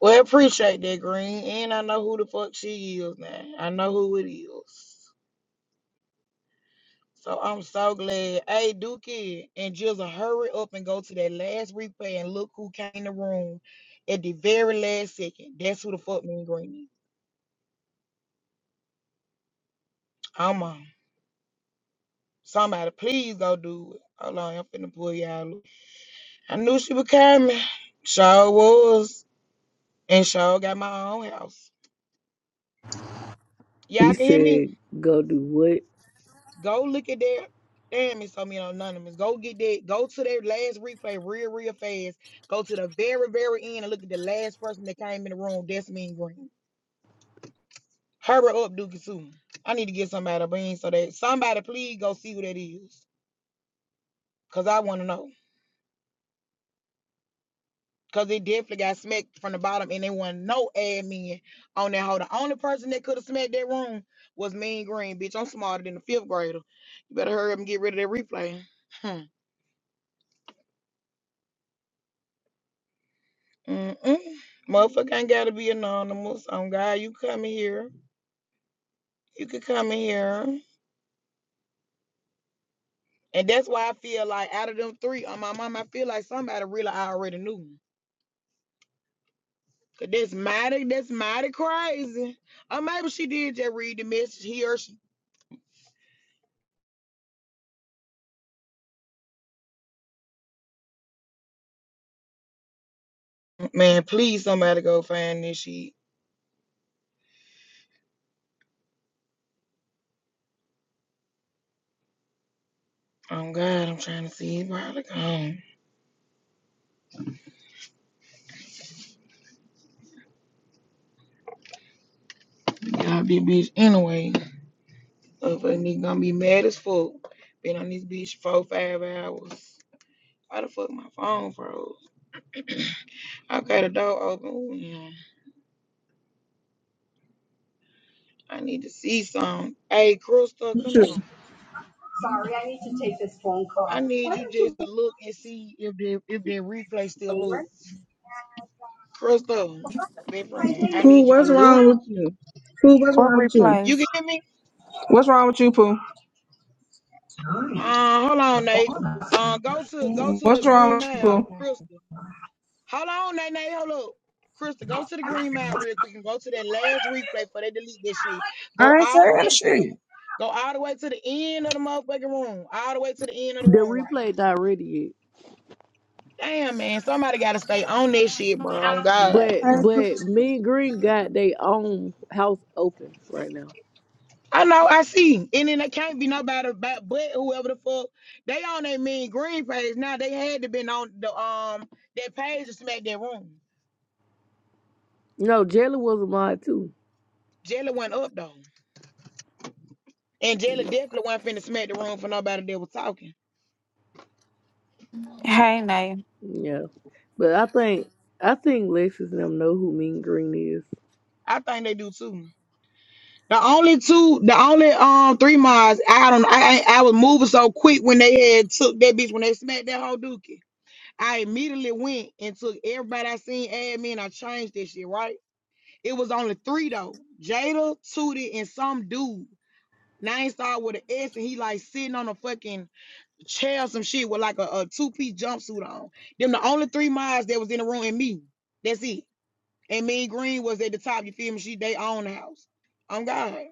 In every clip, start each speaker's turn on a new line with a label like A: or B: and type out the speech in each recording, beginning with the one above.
A: Well, appreciate that, Green. And I know who the fuck she is now. I know who it is. So I'm so glad. Hey, Dookie and Jizzle, hurry up and go to that last replay and look who came in the room at the very last second. That's who the fuck me and Green. I'm on. Somebody, please go do it. Hold on, I'm finna pull y'all. up. I knew she was coming. Sure was. And sure got my own house.
B: You
A: Y'all can hear me?
B: said go do what?
A: Go look at their damn it's so many anonymous. Go get that. Go to their last replay real, real fast. Go to the very, very end and look at the last person that came in the room. That's mean green. Herbert up Duke too. I need to get somebody a bean so that somebody please go see who that is. Cause I wanna know. Cause it definitely got smacked from the bottom and there wasn't no admin on that hole. The only person that could have smacked that room was mean green. Bitch, I'm smarter than the fifth grader. You better hurry up and get rid of that replay. Hmm. Mm-mm. Motherfucker ain't gotta be anonymous. On God, you coming here. You could come in here. And that's why I feel like out of them three on my mom, I feel like somebody really already knew. Cause that's mighty, that's mighty crazy. Or maybe she did just read the message here. or She man, please somebody go find this shit. Oh God, I'm trying to see it probably gone. Y'all be bitch anyway. Of a nigga gonna be mad as fuck. Been on this bitch four, five hours. Why the fuck my phone froze? Okay, the door open. Ooh, yeah. I need to see some. Hey, Crystal,
C: with
A: come here.
C: you?
A: I need you just to look and see if the if the replay still look. Crystal, my friend, I
C: Pooh,
A: need you to
C: what's
A: look.
C: wrong with you? Pooh, what's
D: What
C: wrong with you?
A: You can
D: replays?
A: hear me?
C: What's wrong with you, Pooh?
A: Uh, hold on, Nate. Uh, go to go to the
C: What's wrong
A: green
C: with you,
A: mile,
C: Pooh?
A: Crystal. Hold on, Nate. Nate, hold up. Crystal, go to the green mile real quick and go to that last replay before they delete this shit.
C: I
A: Go all the
C: ain't saying
A: way to the
C: shit.
A: go all the way to the end of the motherfucking room. All the way to the end of the
B: The
A: room, right?
B: replay not ready
A: Damn, man. Somebody got to stay on that shit, bro. On
B: yet.
A: God.
C: I
B: But
C: ain't
B: but
C: supposed
B: me and Green got their own house open right now.
A: I know, I see. And then there can't be nobody back but whoever the fuck. They on that mean green page now. They had to been on the um that page to smack that room.
B: No, Jelly was a mod too.
A: Jelly went up though. And Jelly definitely wasn't finna smack the room for nobody that was talking.
D: Hey, Nay.
B: Yeah. But I think I think Lexus and them know who Mean Green is.
A: I think they do too. The only two, the only um three miles, I don't I I, I was moving so quick when they had took that bitch when they smacked that whole dookie. I immediately went and took everybody I seen add me and I changed this shit, right? It was only three though. Jada, Tootie, and some dude. Name started with an S and he like sitting on a fucking chair or some shit with like a, a two-piece jumpsuit on. Them the only three miles that was in the room and me. That's it. And me and Green was at the top, you feel me? She they own the house. I'm God.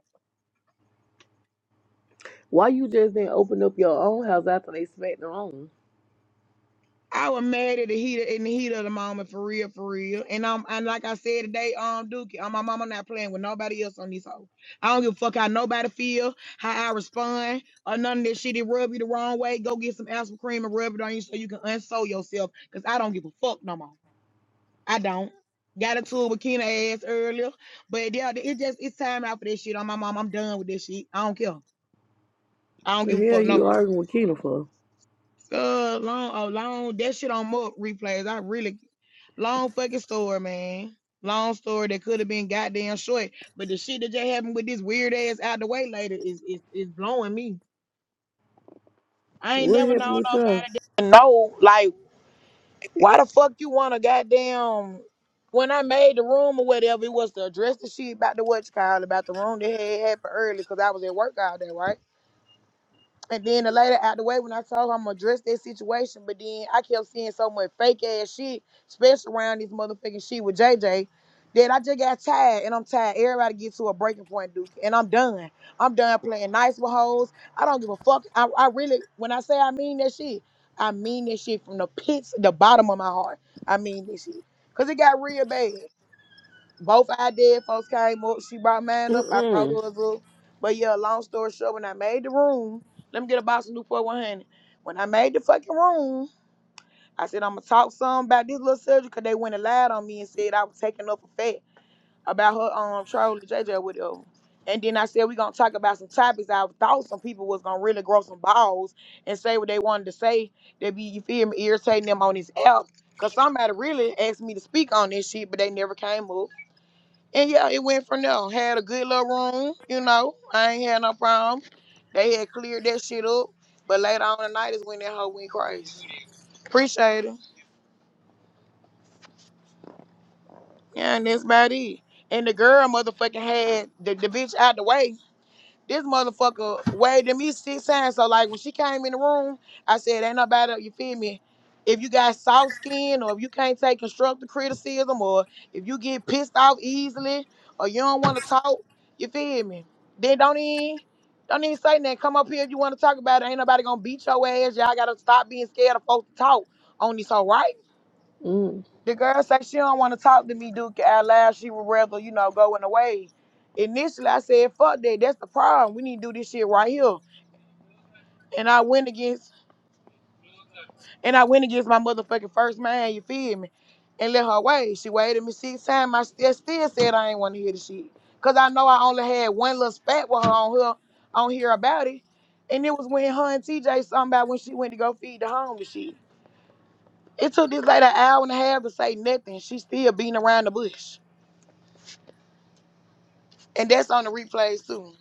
B: Why you just didn't open up your own house after they smacked their own?
A: I was mad at the heat in the heat of the moment for real, for real. And um, and like I said today, um, Dookie, um, my mama not playing with nobody else on these hoes. I don't give a fuck how nobody feel, how I respond, or none of this shit. It rub you the wrong way. Go get some aspirin cream and rub it on you so you can unsew yourself. Cause I don't give a fuck no more. I don't. Got into it with Kena ass earlier, but yeah, it just it's time out for this shit. On my mom, I'm done with this shit. I don't care. I don't
B: The
A: give a
B: hell
A: fuck no more.
B: you arguing with Kena for?
A: Uh, long, oh, long. That shit on Muck replays. I really long fucking story, man. Long story that could have been goddamn short, but the shit that just happened with this weird ass out the way later is is, is blowing me. I ain't
B: What
A: never known
B: happened with y'all?
A: nobody that know like why the fuck you want to goddamn. When I made the room or whatever, it was to address the shit about the what you call it, about the room that had happened early because I was at work all day, right? And then the later out the way when I told her I'm gonna address that situation, but then I kept seeing so much fake ass shit, especially around this motherfucking shit with JJ, that I just got tired and I'm tired. Everybody get to a breaking point, Duke, and I'm done. I'm done playing nice with hoes. I don't give a fuck. I, I really, when I say I mean that shit, I mean that shit from the pits, the bottom of my heart. I mean this shit. Cause it got real bad both I did. Folks came up. She brought mine up.
B: Mm
A: I brought
B: mm.
A: hers up. But yeah, long story short, when I made the room, let me get a box of Newport 100. When I made the fucking room, I said I'm gonna talk some about this little surgery because they went and lied on me and said I was taking up a fat about her um Charlie J J with her. And then I said we gonna talk about some topics. I thought some people was gonna really grow some balls and say what they wanted to say. They be you feel me irritating them on this app. Cause somebody really asked me to speak on this shit, but they never came up. And yeah, it went from there. Had a good little room, you know. I ain't had no problem. They had cleared that shit up. But later on the night is when that hoe went crazy. Appreciate it. Yeah, and that's about it. And the girl motherfucking had the, the bitch out the way. This motherfucker waved at me six times. So like when she came in the room, I said, "Ain't nobody. You feel me? If you got soft skin, or if you can't take constructive criticism, or if you get pissed off easily, or you don't want to talk, you feel me? Then don't even." Don't even say nothing. Come up here if you want to talk about it. Ain't nobody gonna beat your ass. Y'all gotta stop being scared of folks to talk on this whole right?
B: Mm.
A: The girl said she don't want to talk to me, Duke. Out loud, she would rather you know go in the way. Initially, I said, "Fuck that. That's the problem. We need to do this shit right here." And I went against, and I went against my motherfucking first man. You feel me? And let her wait. She waited me six times. I still, still said I ain't want to hear the shit, cause I know I only had one little spat with her on her on here about it. And it was when her and TJ something about when she went to go feed the homeless shit. It took this lady an hour and a half to say nothing. She still beating around the bush. And that's on the replays too.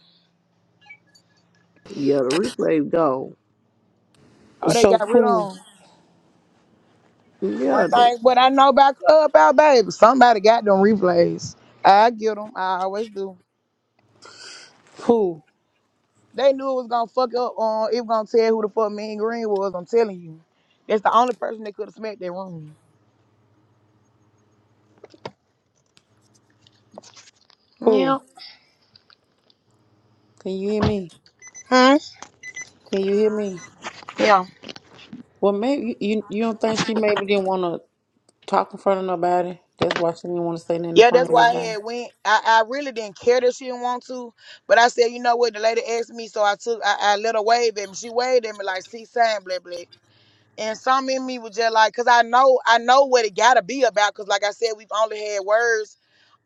B: Yeah, the replay gone.
A: Oh, they
E: So
A: got rid
E: Pooh,
A: on.
B: Yeah,
A: One
B: they.
A: thing, what I know about Club Out, baby, somebody got them replays. I get them. I always do.
E: Pooh,
A: They knew it was gonna fuck up on. It was gonna tell who the fuck Mean Green was. I'm telling you, that's the only person that could have smacked that room.
E: Pooh,
A: Yeah.
E: can you hear me?
A: Hmm.
E: Can you hear me?
A: Yeah.
E: Well, maybe you you don't think she maybe didn't want to talk in front of nobody. That's why she didn't want to say nothing in
A: Yeah,
E: front
A: that's
E: of
A: why I
E: everybody.
A: had went. I, I really didn't care that she didn't want to, but I said, you know what? The lady asked me, so I took. I, I let her wave at me. She waved at me like, see, sign, blah, blah. And some in me was just like, cause I know, I know what it gotta be about. Cause like I said, we've only had words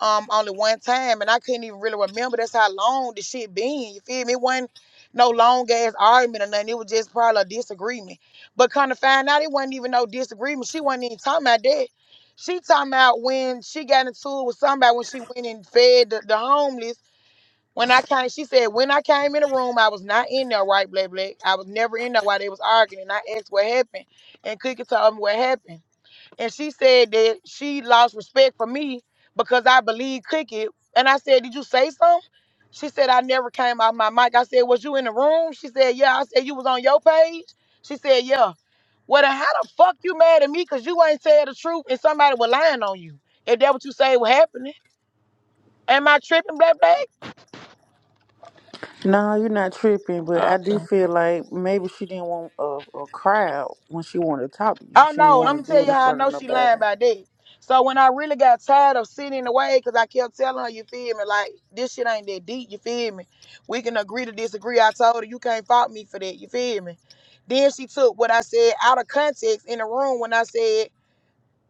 A: um only one time and I couldn't even really remember that's how long the shit been. You feel me? It wasn't no long ass argument or nothing. It was just probably a disagreement. But kind of find out it wasn't even no disagreement. She wasn't even talking about that. She talking about when she got into it with somebody when she went and fed the, the homeless when I came, she said, when I came in the room, I was not in there, right, Black Black? I was never in there while they was arguing. And I asked what happened. And Cookie told me what happened. And she said that she lost respect for me because I believed Cookie. And I said, Did you say something? She said, I never came out my mic. I said, Was you in the room? She said, Yeah. I said, You was on your page? She said, Yeah. Well, then how the fuck you mad at me because you ain't tell the truth and somebody was lying on you? If that what you say was happening. Am I tripping, Black
E: No, you're not tripping, but I
A: Black?
E: do feel like maybe she didn't want a, a crowd when she wanted to talk to you.
A: I
E: She didn't
A: know. Let
E: want
A: me
E: to
A: tell
E: do it
A: you
E: in
A: how I
E: front
A: know she
E: of
A: lying about that. So when I really got tired of sitting in the way, cause I kept telling her, you feel me, like this shit ain't that deep, you feel me? We can agree to disagree. I told her you can't fault me for that, you feel me? Then she took what I said out of context in the room when I said,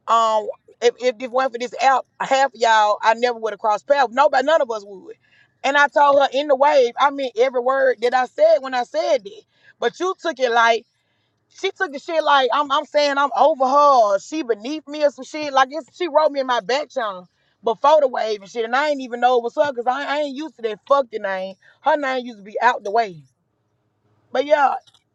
A: um, if if it weren't for this app, half of y'all, I never would have crossed paths. Nobody, none of us would. And I told her in the wave, I meant every word that I said when I said that. But you took it like she took the shit like I'm I'm saying I'm over her or she beneath me or some shit. Like it's, she wrote me in my back channel before the wave and shit. And I ain't even know it was her because I, I ain't used to that fucking name. Her name used to be out the way. But yeah,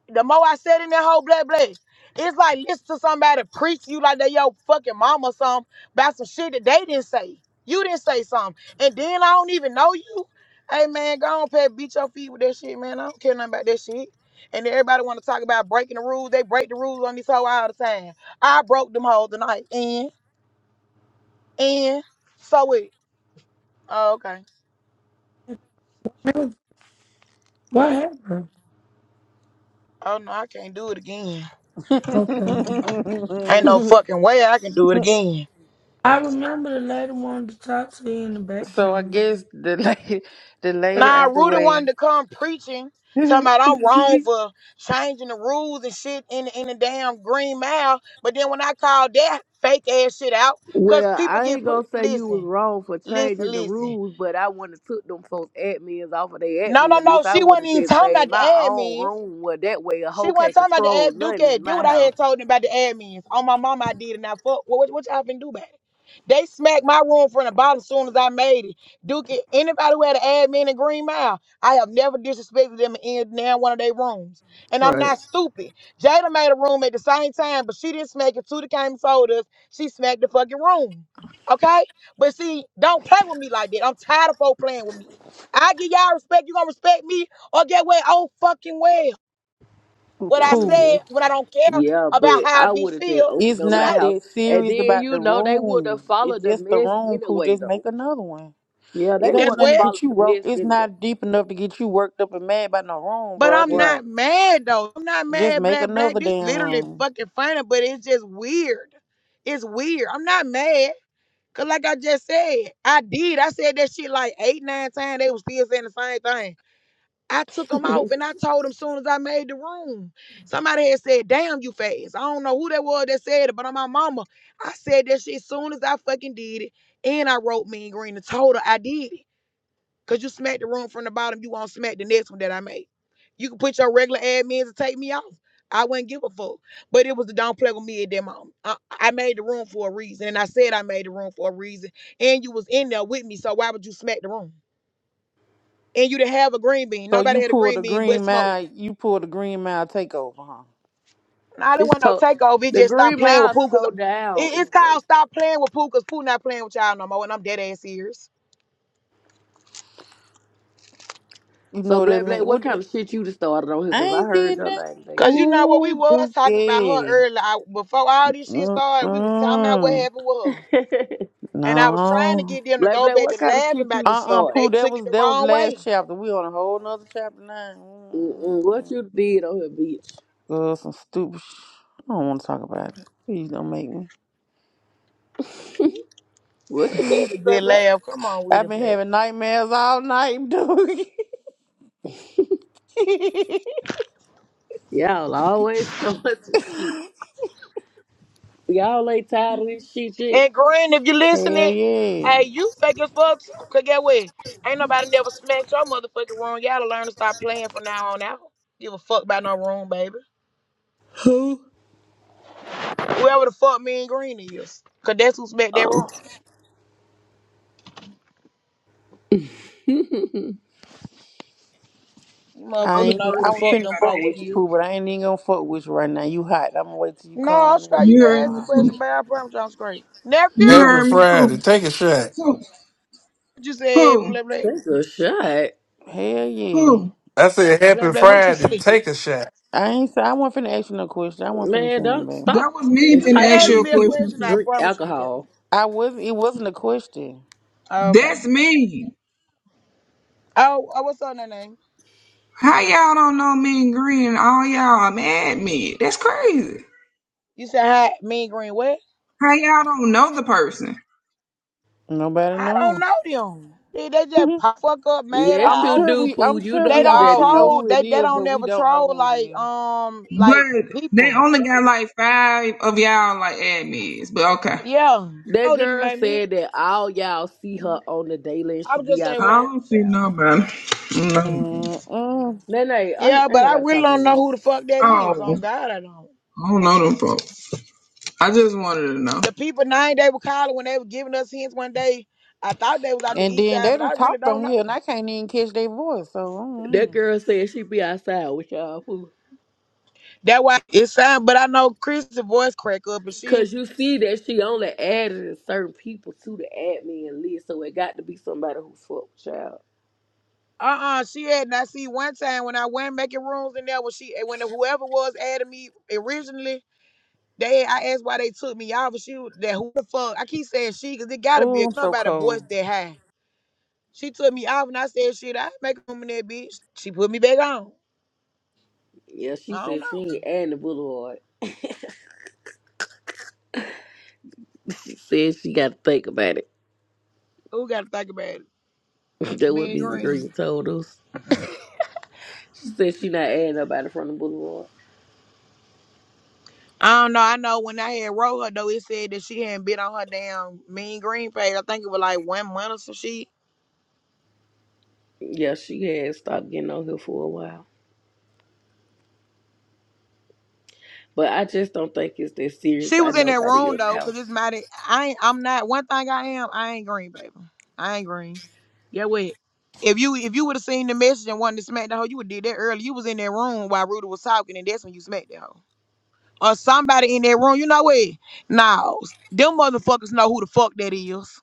A: the more I said in that whole blah blah, it's like listen to somebody preach you like they your fucking mama or something about some shit that they didn't say. You didn't say something. And then I don't even know you. Hey man, go on, Pat, beat your feet with that shit, man. I don't care nothing about that shit. And everybody want to talk about breaking the rules. They break the rules on this hoe all the time. I broke them hoes tonight. And, and, so it. Oh, okay.
F: Really? What happened?
A: Oh no, I can't do it again.
F: Okay.
A: Ain't
E: nobody.
A: no fucking way I can do it again.
F: I remember the lady wanted to talk to you in the
E: so I
F: bathroom.
E: guess the lady, the lady
A: Nah,
E: out the
A: Rudy
E: way,
A: wanted to come preaching, talking about I'm wrong for changing the rules and shit in the, in the damn Green Mile. But then when I called that fake ass shit out, cause
B: Well,
A: people
B: I
A: get
B: ain't
A: put.
B: gonna say you was
A: Listen,
B: wrong for
A: listen,
B: changing the
A: listen.
B: rules, but I wouldn't have took them folks admins off of their
A: No,
B: admin.
A: no,
B: At
A: no.
B: least I
A: She
B: would
A: wasn't
B: have
A: even
B: just
A: talking
B: made
A: about the
B: my own
A: admins.
B: room. Well, that way a
A: She
B: hoe
A: wasn't
B: can't
A: talking about the
B: control
A: ad Duke
B: nothing
A: ad.
B: in
A: Did
B: my
A: what I
B: house.
A: had told them about the admins. On my mama, I did and I fuck. What, what, what y'all finna do about it? They smacked my room from the bottom as soon as I made it. Duke, anybody who had an admin in Green Mile, I have never disrespected them in now one of their rooms. And I'm
B: Right.
A: not stupid. Jada made a room at the same time, but she didn't smack it. Tuda came and told us she smacked the fucking room. Okay? But see, don't play with me like that. I'm tired of folk playing with me. I give y'all respect, you gonna respect me, or get what? Oh fucking well what I
E: Pooh.
B: hmm
A: said, what I don't care
B: Yeah,
A: about
B: but
A: how I
B: I
A: be
B: would have just
A: feel
B: opened
E: It's
B: up my
E: not
A: today.
B: house,
E: that
B: and
E: serious
B: then
E: about the
B: you know they would have
E: room. It's
B: followed the
E: just the
B: mess
E: room, Pooh.
B: anyway,
E: Just make
B: though.
E: another one.
B: Yeah, they
E: It
A: That's
E: ain't
B: would have
E: nothing to
A: what.
B: followed
E: get you
B: the mess
E: worked. It's
B: anyway.
E: not deep enough to get you worked up and mad about no room,
A: But
E: bro.
A: I'm
E: Just
B: Right.
A: not mad though. I'm not
E: just
A: mad,
E: make
A: black, black.
E: another
A: This
E: damn
A: literally
E: room.
A: fucking funny, but it's just weird. It's weird. I'm not mad. Cause like I just said, I did. I said that shit like eight, nine times. They was still saying the same thing. I took them off and I told them soon as I made the room. Somebody had said, damn you fast. I don't know who that was that said it, but on my mama, I said that shit soon as I fucking did it. And I wrote me in green and told her I did it. Cause you smacked the room from the bottom, you won't smack the next one that I made. You can put your regular admins and take me off. I wouldn't give a fuck. But it was the don't play with me at that moment. I, I made the room for a reason. And I said I made the room for a reason. And you was in there with me, so why would you smack the room? And you didn't have a green bean.
E: So
A: Nobody
E: you
A: had a
E: pulled
A: green
E: the
A: bean but
E: green
A: smoke.
E: mile. You pulled the green mile takeover, huh?
A: I didn't
B: It's
A: want no
B: to
A: takeover. It
B: the
A: just stopped
B: Green
A: playing with
B: Mile
A: Pooh. Cause it,
B: tore down
A: it's
B: anyway.
A: called stop playing with Pooh. Cause Pooh not playing with y'all no more. And I'm dead ass serious.
E: You
B: So,
E: know that
B: Black Black,
E: man.
B: what
E: What?
B: kind
E: The,
B: of shit you done started on here?
E: I
B: Because I
E: ain't
B: heard
E: did
B: your
E: that.
B: name today,
A: Cause
B: too.
A: you know what we
E: Ooh,
A: was talking about her
E: Dookie.
A: earlier I- before all this shit started. We was talking about what
E: Mm-mm.
A: happened with her, and I was trying to
E: No.
A: get them to
B: Black
A: go
B: Black,
A: back
B: what
A: to
B: kind of
A: laughing
B: shit you
A: about
B: done
A: this
E: Uh-uh,
A: shit, but
B: started?
A: they
E: Pooh. That
A: took it
E: was
A: the
E: that was
A: wrong
E: last
A: way.
E: chapter. We on a whole nother chapter now.
B: Mm-mm, what you did on here, bitch?
E: Uh, some stupid. Sh- I don't want to talk about it. Please don't make me.
B: What
A: We
B: you did,
A: need a good
B: Black Black?
A: laugh. Come on with
E: I've
A: it,
E: been
A: black.
E: having nightmares all night, dude.
B: Y'all always start some shit. Y'all ain't tired of this shit shit.
A: And Grin, if you
E: Hell
A: listening,
E: yeah.
A: hey, you fake as fuck too. Cause get what? Ain't nobody never smacked your motherfucking room. Y'all to learn to stop playing from now on out. Give a fuck about no room, baby. Whoever the fuck me and Green is. Cause that's who smacked that
B: Oh.
A: room. You
C: to
E: I
C: know
A: motherfucker
C: the
E: ain't.
A: know who
E: I
A: the
C: person
E: was
A: fuck
E: finna
A: them
E: fuck
C: everybody
A: folks
E: with you,
C: ain't.
A: is.
E: poo, but I ain't even gonna fuck with you right now. You hot. I'm gonna wait till you
A: No, I'm
E: come. Wait
A: straight. You
E: till
C: You
A: can
C: heard
A: ask the
C: me,
E: tomorrow.
C: Pooh.
A: question, but I promise you I'm straight. Nephew,
C: You
G: Happy
C: heard me, Pooh.
G: Friday. Take a shot.
C: Pooh,
A: what you said,
C: Pooh,
A: blah, blah,
B: That's a shot.
E: Hell yeah.
C: Pooh.
G: I said
A: blah,
G: happy
A: blah, what you
G: Friday.
A: said.
G: Take a shot.
E: I ain't. Say, I wasn't finna ask you no question. I wasn't finna
B: Man,
E: say nothing,
B: don't
E: baby.
C: That
B: stop
C: was me
A: You can
C: finna
B: enticing
C: ask
A: ask
C: you
B: these
C: a
A: me a
B: people
C: question,
B: to
A: question, I
C: Pooh.
B: drink
A: promise you you can.
B: alcohol.
E: I wasn't. It wasn't a question.
A: Okay.
C: That's me.
A: Oh, oh what's on their name?
C: How y'all don't know me and Green? All y'all mad at me. That's crazy.
A: You said hi, me and Green what?
C: How y'all don't know the person?
E: Nobody
A: I don't
E: knows.
A: know them. They, they just pop fuck up mad
B: Yes,
E: I'm
B: you
A: house.
E: sure
B: do,
E: we.
B: Pooh.
E: I'm
B: You
E: sure
B: know
A: They
E: we
B: who
A: don't
B: that
E: all know
B: is.
A: troll.
E: who it
A: They they
E: is,
A: don't
E: but we
A: never
E: don't know
A: troll
E: who it
A: like
E: is.
A: um like
C: But they
A: people.
C: only got like five of y'all like admins. But okay.
A: Yeah.
B: That
A: Troll didn't
B: girl
A: make me
B: said that all y'all see her on the daily and she
A: I'm
B: be
A: just saying
C: I
A: well,
B: outside
C: don't
B: with
C: see
B: y'all.
C: nobody. No.
E: Mm-mm.
B: Nay, nay, I ain't
A: Yeah,
B: ain't
A: but I
B: nobody
A: really
B: talking
A: don't
B: to
A: know
B: you.
A: who the fuck that is.
C: Oh,
A: On God, I don't.
C: I don't know them folks. I just wanted to know.
A: The people name they were calling when they were giving us hints one day, I thought they was out the
E: And
A: east
E: then
A: side,
E: they
A: but
E: done
A: I really
E: talked
A: don't
E: on here, and
A: know.
E: I can't even catch their voice. So,
B: That
E: mm
B: girl said she be outside with y'all food.
A: That why it sound. But I know Chris's voice crack up, and she.
B: Cause you see that she only added certain people to the admin list, so it got to be somebody who fuck with y'all.
A: Uh-uh, she had and I see one time when I went making rooms in there when she when whoever was adding me originally, they I asked why they took me off and she that who the fuck I keep saying she cause it gotta be a-
E: oh, I'm so
A: somebody voice
E: cold.
A: that high. She took me off and I said, shit, I make a room in that bitch. She put me back on.
B: Yeah, she
A: I don't
B: said she
A: know.
B: ain't adding the boulevard. She said she got to think about it.
A: Who gotta think about it?
B: That what
A: Mean
B: Mean
A: green.
B: Green told us. She said she not adding nobody from the boulevard.
A: I don't know. I know when I had wrote her though, it said that she hadn't been on her damn mean green page. I think it was like one month or some shit.
B: Yeah, she had stopped getting on here for a while, but I just don't think it's that serious
A: She
B: by
A: was in that
B: nobody
A: room
B: else's
A: though, cause
B: house.
A: it's not. I ain't. I'm not. One thing I am, I ain't green, baby. I ain't green. Yeah, what? If you if you would have seen the message and wanted to smack the hoe, you would have did that early. You was in that room while Rudy was talking, and that's when you smacked the hoe. or somebody in that room. You know what? Now, them motherfuckers know who the fuck that is.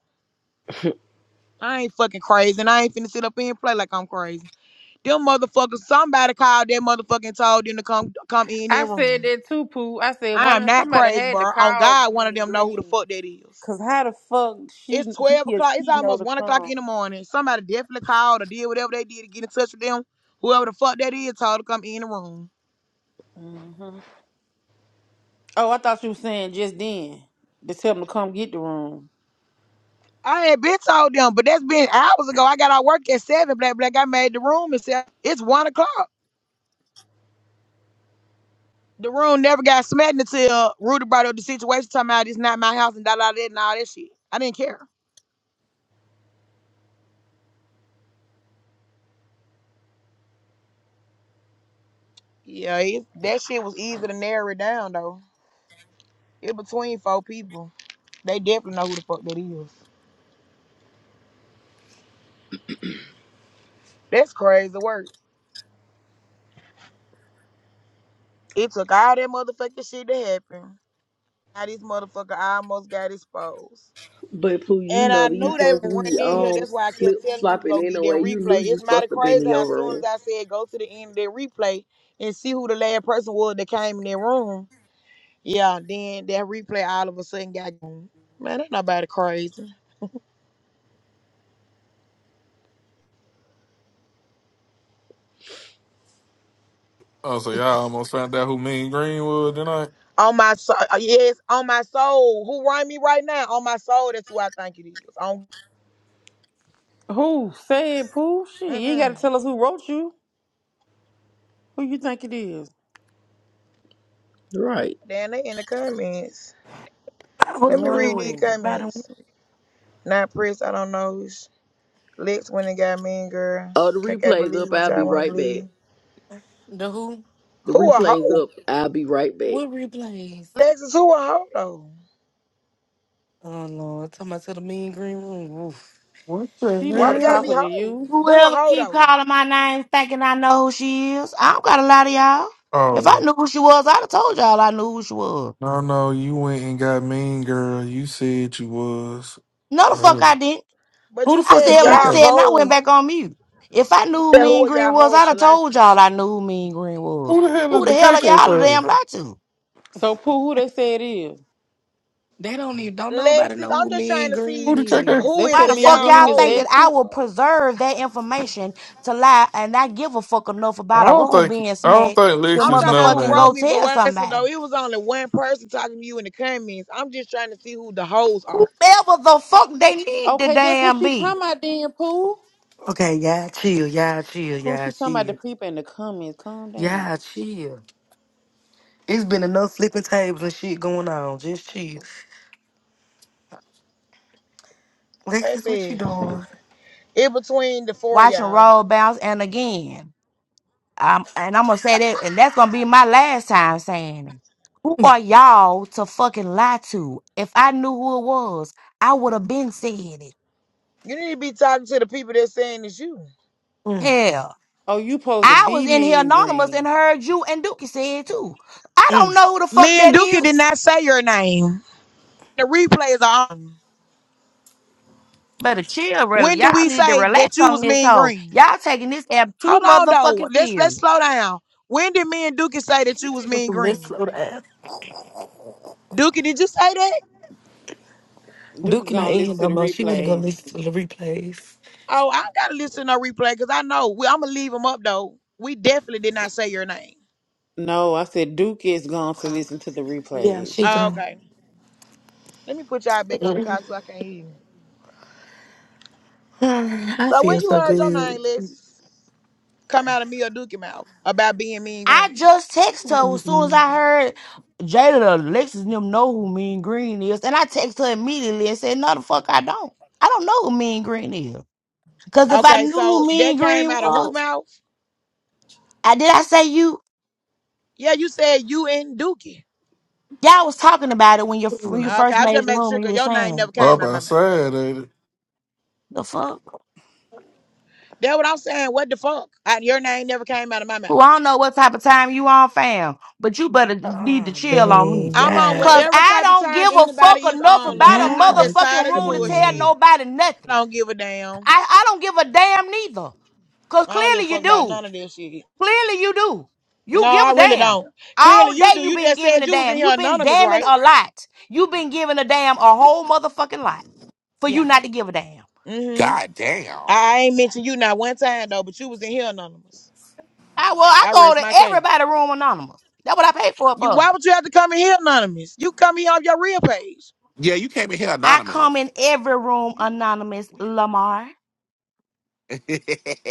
A: I ain't fucking crazy, and I ain't finna sit up here and play like I'm crazy. Them motherfuckers, somebody called that motherfucking and told them to come come in their
E: I said
A: room.
E: that too, Pooh. I said
A: I
E: one
A: am
E: of
A: not
E: somebody
A: crazy,
E: had to
A: bro. On
E: call
A: God, one of
E: me
A: them know who the
E: green,
A: fuck that is.
E: cause how the fuck she
A: It's 12
E: he or
A: o'clock. It's
E: she know
A: almost
E: to
A: 1 o'clock
E: come?
A: in the morning. Somebody definitely called or did whatever they did to get in touch with them. Whoever the fuck that is told to come in the room.
E: hmm Oh, I thought you were saying just then to tell them to come get the room.
A: I had been told them, but that's been hours ago. I got out work at seven. Black black. I made the room and said it's one o'clock. The room never got smacked until Rudy brought up the situation, talking about it's not my house and da da da and all that shit. I didn't care. Yeah, it, that shit was easy to narrow it down though. It between four people. They definitely know who the fuck that is. That's crazy work. It took all that motherfucking shit to happen. Now this motherfucker almost got exposed.
B: But Pooh, you
A: And
B: know
A: I
B: that
A: knew they
B: supposed
A: were
B: to be
A: running in here.
B: um
A: That's why I kept
B: slip
A: telling you to
B: slopping
A: go get that
B: anyway. You knew
A: replay.
B: you
A: It's mighty
B: supposed to be
A: crazy
B: in
A: how
B: your
A: as soon as
B: room.
A: I said go to the end of that replay and see who the last person was that came in that room, yeah, then that replay all of a sudden got gone. Man, ain't nobody crazy.
G: Oh, so y'all almost found out who Mean Green was tonight?
A: On my soul, yes, on my soul. Who rhyme me right now? On my soul, that's who I think it is. On,
E: Who said Pooh? Shit, you ain't got
A: mm-mm.
E: to tell us who wrote you. Who you think it is?
B: Right.
A: Damn, they in the comments.
H: I was
A: Let me
H: wondering
A: read
H: where
A: these
E: No,
H: everybody went.
A: comments. Not press, I don't know. Lex went and got mean girl.
B: Oh, the
A: KK
B: replay's
A: believe
B: up.
A: what
B: I'll be
A: y'all want to
B: right back.
A: believe.
H: The who?
B: The
A: Who a
B: replay's
A: hoe?
B: up. I'll be right back.
H: What replays?
A: Lexus, who a hoe though?
H: Oh Lord, talking about to the mean green room. Oof.
G: What
E: she
H: Yeah,
A: Why
G: the
A: we
E: not
H: it
A: gotta
G: hell?
A: be
H: go.
E: talking to
A: hoes?
E: you.
A: Who a
I: Whoever
A: hoe
I: keep
A: though?
I: calling my name thinking I know who she is, I don't gotta lie to y'all. If I
G: Oh,
I: knew who she was, I'd have told y'all I knew who she was.
G: No, no, you went and got Mean Girl. You said you was.
I: No the fuck I
G: oh.
I: didn't.
A: But
G: who
A: you
G: the
I: I
G: fuck
A: said
G: is
I: said what I
A: y'all
G: KK?
I: said and I went
A: hoes.
I: back on mute. If I knew
A: You
I: who
A: said who
I: Mean
A: are y'all
I: Green was,
A: hoes
I: I'd
A: to
I: have
A: lie to?
I: told y'all I knew who Mean Green was.
G: Who the hell
I: Who
G: is
I: the
G: the
I: hell are
G: KK
I: y'all to damn
G: playing?
I: lie to?
E: So Pooh, who they say it is?
H: They don't even don't nobody
A: Lexus,
H: know
A: I'm
H: who
A: just trying
H: mean
A: to
G: Who
H: green
A: see
G: the KK?
H: is.
A: who
E: They
A: is
I: Why
E: said
I: the
A: the
E: me and
I: fuck
A: y'all
E: green
I: y'all
E: is
I: think
A: hoes.
I: that
A: It's-
I: I
E: Lexus.
I: will preserve that information to lie and not give a fuck enough
G: I
I: about a
G: don't
I: room
G: think
I: being
G: I don't
I: smacked
G: think
I: to
A: I'm
G: Lexus
A: talking about
G: know,
A: who
I: motherfucking
A: wrote
I: go
G: man.
A: me, but
I: tell
A: what though,
I: somebody?
A: it was only one person talking to you in the comments. I'm just trying to see who the hoes are.
I: Whoever the fuck they need to
E: Okay, that's what
I: damn
E: she
I: be.
E: talking about then, Pooh.
H: Okay, yeah, chill, yeah, chill,
E: Who
H: yeah,
E: she talking about the
H: chill.
E: people in the comments? Calm down.
H: Yeah, chill. It's been enough flipping tables and shit going on. Just chill. Lexus, what you
A: Baby,
H: doing?
A: in between the four of
I: Watching
A: y'all.
I: roll bounce and again. Um, and I'm gonna say that, and that's gonna be my last time saying it. Who are y'all to fucking lie to? If I knew who it was, I would have been said it.
A: You need to be talking to the people that's saying it's you.
H: Mm,
I: Hell,
E: Oh, you supposed to
I: I was
E: be
I: in here
E: mean
I: anonymous and
E: green.
I: heard you and Dookie say it too. I don't
H: mm.
I: know who the fuck
A: Me and
I: that
A: Dookie did
I: is.
A: not say your name. The replays are on.
I: Better chill, really.
A: When did
I: Y'all
A: we
I: need to
A: say
I: relax
A: that you
I: on
A: was
I: this
A: mean
I: hoe.
A: green?
I: Y'all taking this app too
A: Hold on though.
I: motherfucking
A: Let's let's
I: serious.
A: slow down. When did me and Dookie say that you was
H: She wants
A: mean
H: to listen
A: green?
H: slow the ass.
A: Dookie, did you say that?
E: Duke
H: Duke not
E: gonna
H: in here
E: listen
H: no
E: to the
H: more. She wanna go
E: replays.
H: listen to the replays.
A: Oh, I gotta listen to no replay because I know we, I'm gonna leave them up though. We definitely did not say your name.
E: No, I said Duke is going to listen to the
H: Yeah, she
E: replays.
A: Oh,
H: gone.
A: Okay, let me put y'all back on the
H: Mm.
A: car so I can not hear you.
H: I
A: So when
H: feel
A: you
H: so
A: heard your
H: good.
A: name, Liz, come out of me or Dookie mouth about being mean
I: I
A: green.
I: just text her as soon as
H: Mm-hmm.
I: I heard Jada and Alexis and them know who Mean Green is, and I text her immediately and said, "No, the fuck, I don't. I don't know who Mean Green is. Cause if I
A: Okay,
I: knew
A: so
I: who Mean
A: that came
I: Green
A: out of who
I: was,
A: mouth?
I: I did. I say you,
A: Yeah, you said you and Dookie.
I: y'all was talking about it when you when you
H: Oh,
A: Okay,
I: first
A: I'm just
I: made the
A: making
I: room.
A: sure
I: You
A: 'cause
I: was
A: your name
I: saying
A: never came
G: Up
A: out my mouth.
G: outside, ain't it?
I: the fuck.
A: That's what I'm saying. What the fuck? I, your name never came out of my
I: Who I
A: mouth.
I: don't know what type of time you on, fam. But you better need to chill on me."
H: man,
A: I'm on
H: yeah,
I: Cause
A: whatever
I: I
A: type of
I: don't
A: time
I: give a fuck
A: anybody is
I: enough
A: on,
I: about a
A: love. I'm
H: yeah,
A: just tired
I: motherfucking
A: of the
I: room to
H: shit.
I: tell
A: bullshit.
I: nobody nothing.
A: I don't give a damn.
I: I, I don't give a damn neither. Because
A: I don't give a
I: clearly you
A: fuck about
I: do.
A: none of this shit.
I: Clearly you do.
A: No,
I: You give
A: I
I: a
A: really
I: damn.
A: don't. Clearly
I: All
A: you do.
I: day you
A: You
I: been
A: just
I: giving
A: said
I: a
A: you was in
I: damn.
A: here
I: you been
A: anonymous,
I: damning
A: right?
I: a lot. you been giving a damn a whole motherfucking lot for you
A: Yeah.
I: not to give a damn.
A: Mm-hmm.
J: God damn.
A: I ain't mentioned you not one time though, but you was in here anonymous.
I: I well, I
A: I
I: go
A: rest my
I: to
A: case.
I: everybody room anonymous. That's what I pay for it
A: You
I: for.
A: why would you have to come in here anonymous? You come here off your real page.
J: Yeah, you came in here
I: I come
J: anonymous.
I: in every room anonymous, Lamar.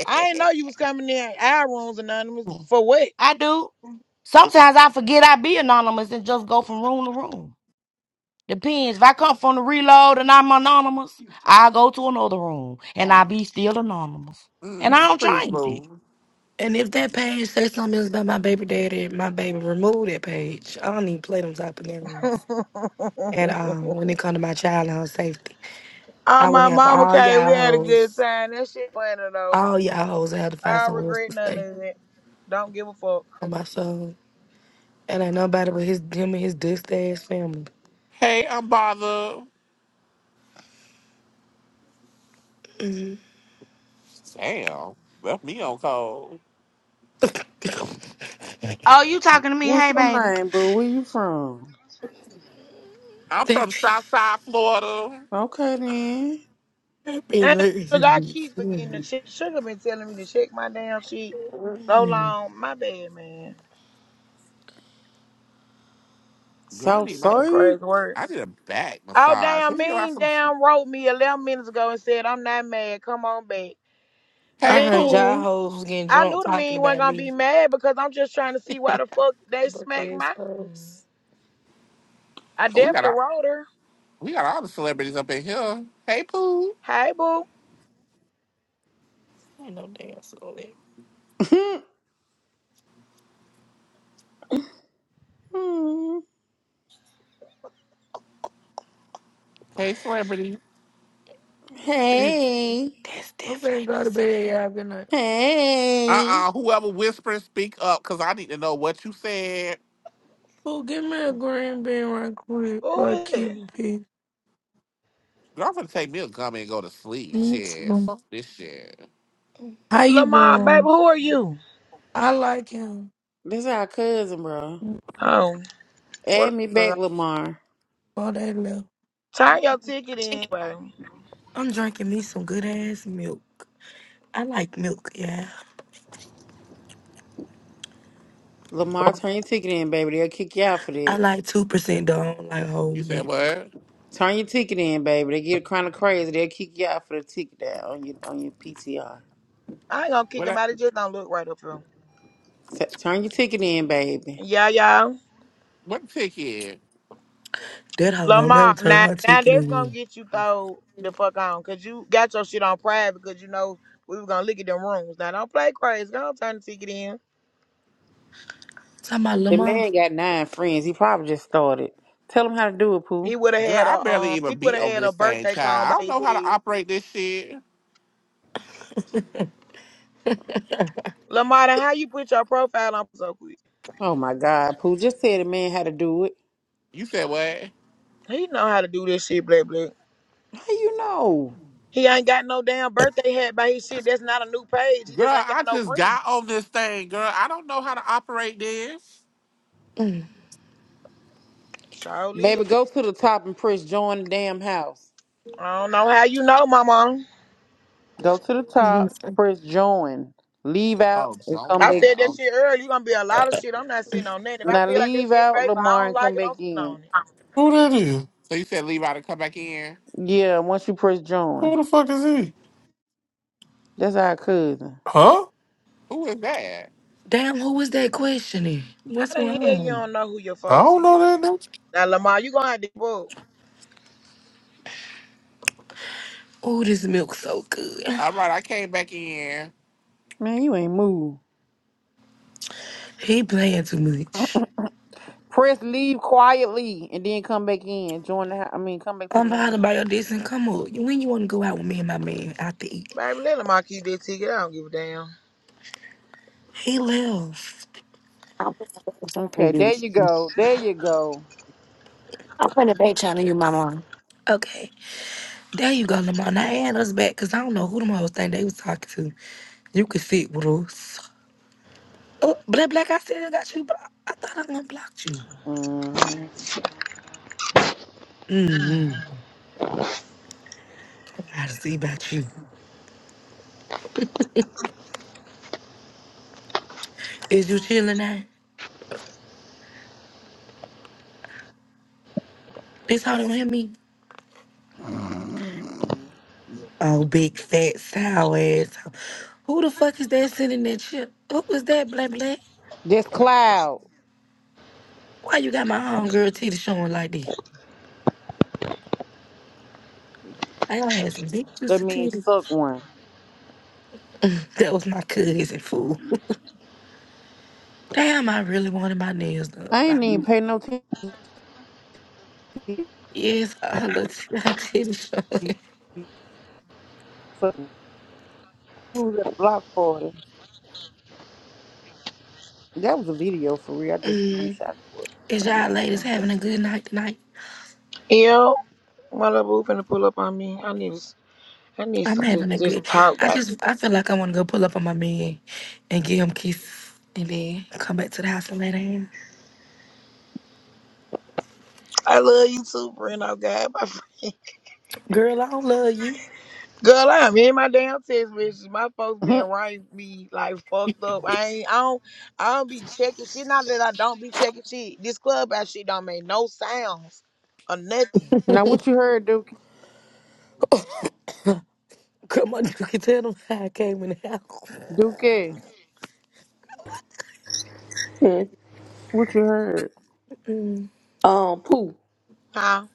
A: I didn't know you was coming in our rooms anonymous. For what?
I: I do. Sometimes I forget I be anonymous and just go from room to room. Depends. If I come from the reload and I'm anonymous, I'll go to another room and I'll be still anonymous. And I
J: mm,
I: don't
J: pretty
I: change it.
J: smooth.
H: And if that page says something else about my baby daddy, my baby remove that page. I don't even play them type of games at all when it comes to my child and her safety.
A: Oh,
H: I will
A: my
H: have
A: mama
H: all
A: came. We
H: y'all
A: had a good
H: hoes,
A: time. That shit funny though.
H: all y'all hoes have to find
A: I don't
H: somewhere else
A: regret
H: to
A: none
H: stay
A: of it. Don't give a fuck.
H: on my soul. And ain't nobody but his him and his dust ass family.
J: Hey, I'm bothered. Damn. Left me on cold.
I: Oh, you talking to me?
E: What's
I: Hey,
E: your
I: baby.
E: name, boo? Where you from?
J: I'm from
H: that
J: Southside Florida.
E: Okay then.
H: that
A: And I keep forgetting to
H: be
A: check. Sugar been telling me to check my damn shit so long. My bad, man.
J: Girl, I need my
A: That's
E: Southside.
A: crazy work.
J: I need a back
A: Oh
J: massage.
A: damn,
J: Can you give out
A: mean
J: some
A: damn wrote me 11 minutes ago and said I'm not mad. Come on back.
H: I
J: Hey
H: heard
A: Mean,
H: y'all
J: Pooh.
H: hoes was getting
A: I
H: drunk
A: knew the
H: talking
A: mean wasn't
H: about
A: gonna be
H: me.
A: mad because I'm just trying to see why the fuck they
H: Broke
A: smacked
H: ass
A: my.
H: hoes.
A: I
J: Oh, we got
A: definitely
J: all
A: wrote her.
J: we got all the celebrities up in here. Hey Pooh.
A: Hey boo,
H: Ain't no damn celebrity.
J: Hey celebrity.
H: That's,
E: hey.
H: that's
F: I'm finna
H: definitely not
F: go to bed, y'all.
H: celebrity.
F: Good night.
E: Hey.
J: Uh-uh. Whoever whispers, speak up, cause I need to know what you said.
F: Oh, give me a green bean right quick
A: who
F: for a
A: is it?
F: Cuban pig.
J: Girl, I'm gonna take me a gummy and go to sleep.
F: Me
J: Shit.
F: too.
J: Fuck this shit.
F: How you
A: Lamar, baby,
F: doing?
A: who are you?
F: I like him.
E: This our cousin, bro.
F: Mm,
A: Oh,
E: Add
A: what?
E: me
A: a-
E: back, Lamar.
F: Oh, they left.
A: Turn your ticket in. baby.
H: I'm drinking me some good ass milk. I like milk, yeah.
E: Lamar, turn your ticket in, baby. They'll kick you out for
H: I
E: that.
H: like 2% though. I don't like whole
J: You said
H: milk.
J: what?
E: Turn your ticket in, baby. They get kind of crazy. They'll kick you out for the ticket out on your on your PTR.
A: I ain't gonna kick
J: What?
A: him
J: I-
A: out. It just don't look right up here.
E: turn your ticket in, baby.
A: Yeah, yeah.
J: What ticket?
H: That hoe don't never
A: Lamar,
H: turn
A: now,
H: her
A: now
H: chicken
A: that's gonna
H: in.
A: get you throw the fuck on, cause you got your shit on private, cause you know we was gonna look at them rooms. Now don't play crazy. Don't turn the ticket in.
H: Talking about
E: The
H: Lamar.
E: man got nine friends. He probably just started. Tell him how to do it,
A: He
E: Pooh.
A: would have
J: Girl,
A: had
J: I
A: a
J: barely
A: um. He
J: even
A: would
J: beat
A: have
J: on
A: had a
J: this thing,
A: birthday
J: child.
A: cone
J: I
A: by
J: don't
A: his
J: know how to
A: head.
J: operate this shit.
A: Lamar, then how you put your profile on so quick?
E: Oh my God, Pooh. Just tell the man how to do it.
J: You said what?
A: He know how to do this shit, blah blah.
E: How you know?
A: He ain't got no damn birthday hat by his shit. That's not a new page. He
J: Girl,
A: just ain't got
J: I
A: no
J: just
A: friends.
J: got on this thing, girl. I don't know how to operate this.
A: Surely.
E: Baby, go to the top and press join the damn house.
A: I don't know how you know, mama.
E: Go to the top,
H: Mhm.
E: press join. Leave out
J: Oh,
E: and come
A: I
E: back
J: Joanne.
A: said that
E: in.
J: Oh,
A: shit earlier. You gonna be a lot of shit. I'm not sitting on that. If I
E: Now
A: feel like that
E: leave
A: shit
E: out
A: fake or I
E: Lamar
A: don't
E: and
A: like
E: come
A: it,
E: back
A: I'm sitting on
E: in.
A: it.
G: Who that is?
J: so you said leave out and come back in?
E: Yeah, once you press
G: Who
E: join.
G: the fuck is he?
E: That's our cousin.
G: Huh?
J: Who is that?
H: Damn, who was that questioning?
A: How
H: What's
A: the hell you
H: wrong?
A: don't know who your
G: I
A: folks
G: don't know
A: is?
G: that nigga.
A: Now Lamar, you gonna have to book.
H: Oh, this milk so good.
J: All right, I came back in.
E: Man, you ain't moved.
H: He playing too much.
E: Press leave quietly and then come back in. Join the. hou- I mean, come back to the
H: I'm bothered
E: room.
H: by your dissing. Come on. When you want to go out with me and my man out to eat?
A: Baby, let Lamar keep that ticket. I don't give a damn.
H: He left.
K: I'm
E: Okay, there you go. There you go.
K: gonna be telling you, Mama.
H: Okay. There you go, Lamar. Now add us back because I don't know who them hoes think they was talking to. You could sit with us. Oh, Black Black, I still got you, but I I thought I done blocked you.
E: hmm
H: Mm-hmm. I gotta see about you. Is you chilling now? This how don't hear me? Oh, big fat sour ass. Who the fuck is that sending that chip? Who was that, Black Black?
E: This cloud.
H: Why you got my homegirl titty showing like this? I all had some big
E: That
H: juicy
E: means
H: titties.
E: suck one.
H: That was my cousin fool. Damn, I really wanted my nails done.
E: I
H: By
E: ain't even
H: me.
E: pay no attention. to
H: Yes, uh, her little t- her titties
E: you.
H: showing.
E: Fuck, Who was at the block party? That was a video for real. I just
H: Mm.
E: screenshot it.
H: Is
E: Hold
H: y'all ladies
E: on.
H: having a good night tonight?
A: Yo, my little boo finna pull up on me. I need to I need
H: I'm
A: to
H: having
A: just,
H: a
A: just
H: good.
A: talk.
H: I
A: I,
H: just I feel like I want to go pull up on my man and give him kisses and then come back to the house and lay down.
A: I love you too, friend. Oh God, my friend.
H: Girl, I don't love you.
A: Girl, I am in my damn text messages. My folks been
E: Mhm.
A: writing me like fucked up. I ain't I don't I don't be checking shit. Not that I don't be checking shit. This club ass shit don't make no sounds or nothing.
E: now what you heard, Duke?
H: Come on, you can tell them how I came in the house.
E: Duke?
B: Hmm.
E: What you heard?
H: Mm.
B: Um, Pooh,
A: Huh?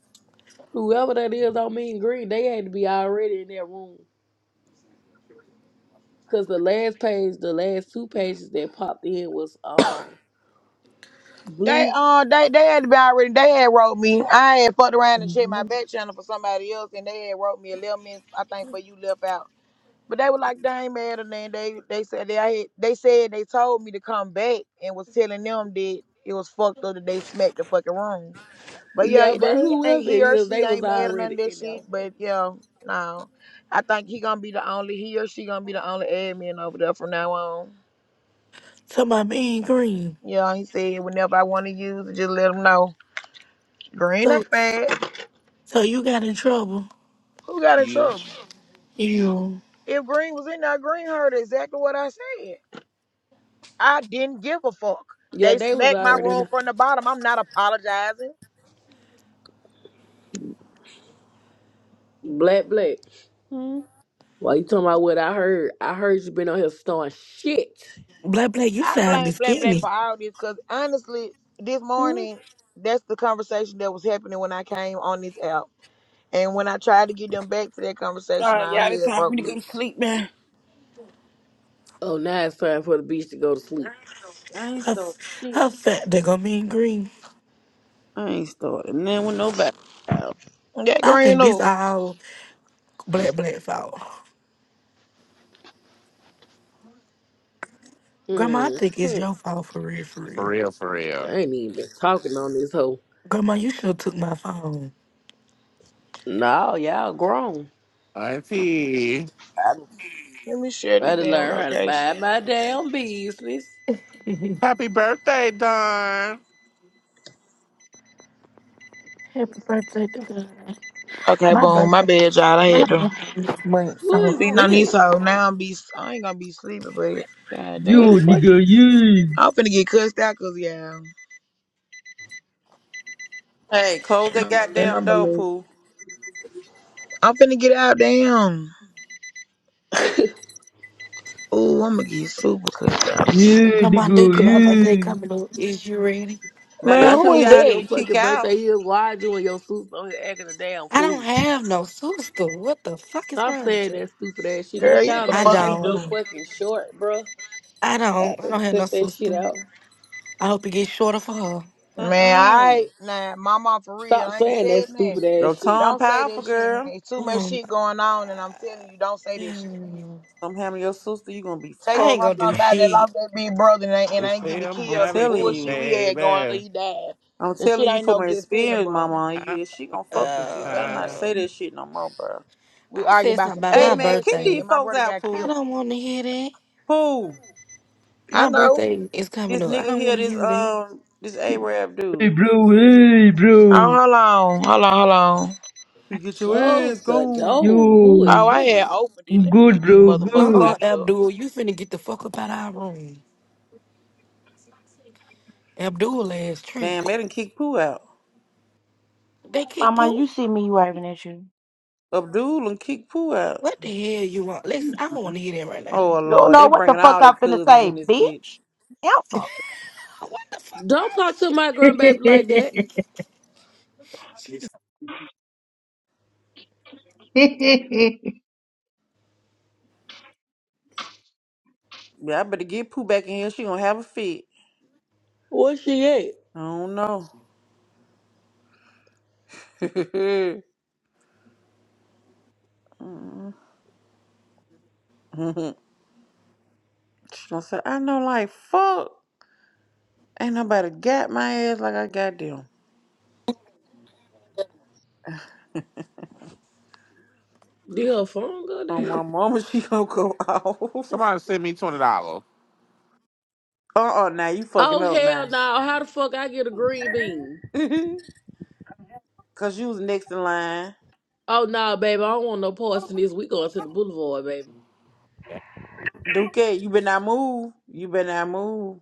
B: whoever that is on Mean Green, they had to be already in that room. Cause the last page, the last two pages that popped in was um
A: They
B: blue.
A: uh they they had been already they had wrote me. I had fucked around and checked my back channel for somebody else and they had wrote me a little minute, I think for you left out. But they were like, they ain't mad or nothing. They they said they I had, they said they told me to come back and was telling them that it was fucked up that they smacked the fucking room. But yeah,
B: Yeah, but
A: they ain't
B: whoever it
A: he or
B: is, they
A: she
B: was
A: ain't mad at none
B: already
A: of that
B: in there.
A: shit. But yeah, no, I think he gonna be the only he or she gonna be the only admin over there from now on.
H: To my man Green.
A: Yeah, he said whenever I want to use it, just let him know. Green
H: So,
A: ain't mad.
H: so you got in trouble.
A: Who got in
J: You.
A: trouble?
H: You.
A: If Green was in there, Green heard exactly what I said. I didn't give a fuck.
B: Yeah,
A: They
B: they was
A: smacked my
B: already in
A: room
B: there.
A: from the bottom. I'm not apologizing.
B: Black, black.
E: Mm-hmm.
B: Why you talking about what I heard? I heard you been on here starting shit.
H: Black Black, you
A: I blame
H: sound
A: Black Black
H: skinny.
A: for all this because honestly, this
E: All
A: morning that's the conversation that was happening when I came on this app And when I tried to get them back to that conversation,
E: right,
A: all
E: y'all. It's
A: hell
E: time for me
A: broke
E: to go to
A: loose.
E: sleep, man.
B: Oh, now it's time for the bitch to go to sleep.
E: I ain't
H: How, f-
E: so shit.
H: how fat they gonna mean green?
E: I ain't starting then with nobody.
A: That
H: I
A: green
H: think this
A: up.
H: all Black Black fault. Grandma, I
B: Mm.
H: think it's your fault for real, for
J: For
H: real.
J: real, for
B: I
J: real.
B: ain't even been talking on this hoe.
H: Grandma, you sure took my phone.
B: No, y'all grown.
J: Auntie.
B: I
A: Let me share
B: I
A: this
B: done
A: damn
B: learned how to
A: location.
B: mind my damn business.
J: Happy birthday, Don.
H: Happy birthday to God.
A: Okay,
H: My
A: boom. My
H: birthday.
A: bad, y'all. I
H: My
A: had to
H: birthday this month,
B: Who
H: so
B: is
A: sitting on this
B: that?
A: hoe. Now I'm be I ain't gonna be sleeping, but god
B: Who the
L: Yo,
A: damn.
B: fuck?
L: nigga, yeah.
A: I'm finna get cussed out cause y'all.
E: Hey, close that
A: And
E: goddamn
A: I'ma
E: door,
A: leave.
E: Pooh.
A: I'm finna get out, damn. Ooh, I'ma get super cussed out.
L: Yeah,
H: Grandma
L: nigga,
H: Dookie, my
B: Cause
H: birthday
L: yeah.
H: coming up. Is you ready?
E: Now
A: Man,
B: I
E: this
A: who
E: who
B: know
A: is
B: where
E: y'all need
B: your
A: that?
E: to kick
B: fucking birthday
E: out.
B: is. Why you and your suits on here acting a damn
H: I
B: fool?
H: don't have no sister. What the fuck is
B: Stop
H: wrong with
B: saying
H: you?
B: that stupid ass shit.
A: Girl,
B: Don't
A: you what
B: y'all
A: the
B: know
H: I
A: fuck you
B: life's
H: don't.
B: so
A: do?
B: fucking short, bro?
H: I
B: I
H: don't. I
B: better
H: don't have no
B: cut that shit
H: sister.
B: out.
H: I hope it gets shorter for her.
A: Man,
E: Mm-mm.
A: I nah, mama for real.
B: Stop
A: I ain't
B: saying that
A: said nothing.
B: stupid
E: Your
B: ass shit.
E: tongue
A: Don't say
E: powerful,
A: this shit, man.
E: girl.
A: It's too much
H: Oh my
A: shit going on, and I'm telling
H: god.
A: you, don't say this shit, man.
E: Something happen to your sister, you gonna be
A: Take
H: I
A: it
H: ain't
E: fucked
A: from
H: gonna
E: up.
H: do
A: somebody that
H: shit.
A: lost their big brother and ain't, and
J: They
A: ain't get
J: say
A: to
J: I'm
E: I'm
A: kill the
J: having
E: telling
J: your
A: bullshit
E: you.
A: we had going on.
J: baby.
A: He died.
E: I'm
A: This shit
E: telling you
A: ain't
E: from
A: no
E: my
A: good feeling,
E: experience,
A: bro.
E: mama.
J: I
E: You she gonna fuck with you. You Better
J: was
E: not
H: Uh,
E: say that shit no more, bro.
A: We
H: I
A: argue
H: said
A: about
H: something
A: some
H: about
E: Hey
H: my
A: petty
E: man,
A: ass
E: kick
A: shit,
E: these
H: birthday.
A: and my
E: folks
A: brother
E: out,
A: got
H: I
A: killed.
E: Pooh.
H: don't want to hear that.
E: Pooh.
A: I
H: My
A: know.
H: birthday is coming
E: This
H: up. I
E: nigga
H: don't
E: here,
H: want to
E: this
H: hear that.
E: um this Arab
L: Hey,
E: dude.
L: bro, hey,
A: Oh,
L: bro.
A: hold on, hold on, hold on.
E: You get your ass
B: Close the
E: gone.
B: door.
L: Yo,
B: Who is
A: Oh, I had
B: him?
A: opened it.
L: I'm
A: Let me
L: good,
A: get these
L: bro,
H: Uh
A: motherfuckers out
H: uh
A: of here.
H: Abdul, you finna get the fuck up out our room. Abdul ass
E: Damn,
H: tripping.
E: they done kick Pooh out.
H: They kick
I: Mama, you
H: poop.
I: see me waving at you.
E: Abdul and kick Pooh out.
H: What the hell you want? Listen, I don't want to hear that right now.
E: Oh
I: You
H: Mm-mm.
I: don't
E: Lord, they
I: know what the
E: bringing
I: fuck
E: all their
I: I'm finna
E: cousins
I: say,
E: in this bitch.
I: bitch. Answer.
H: What the fuck
B: Don't
H: wrong
B: talk
H: with
B: to my grandbaby like that.
H: you?
L: good.
E: Yeah, I better get Pooh back in here. She gonna have a fit.
B: Where she at?
E: I don't know. Mm. she gonna say, I know like fuck. Ain't nobody got my ass like I got them.
B: Did her phone go
E: Oh my
B: dead?
E: mama, she gonna go off.
J: Somebody send me twenty dollars.
E: Uh uh now you fucking
B: Oh
E: up
B: hell
E: now.
B: no! How the fuck I get a green bean?
E: Cause you was next in line.
B: Oh no, baby, I don't want no parts in this. We going to the boulevard, baby.
E: Duke, you better not move. You better not move.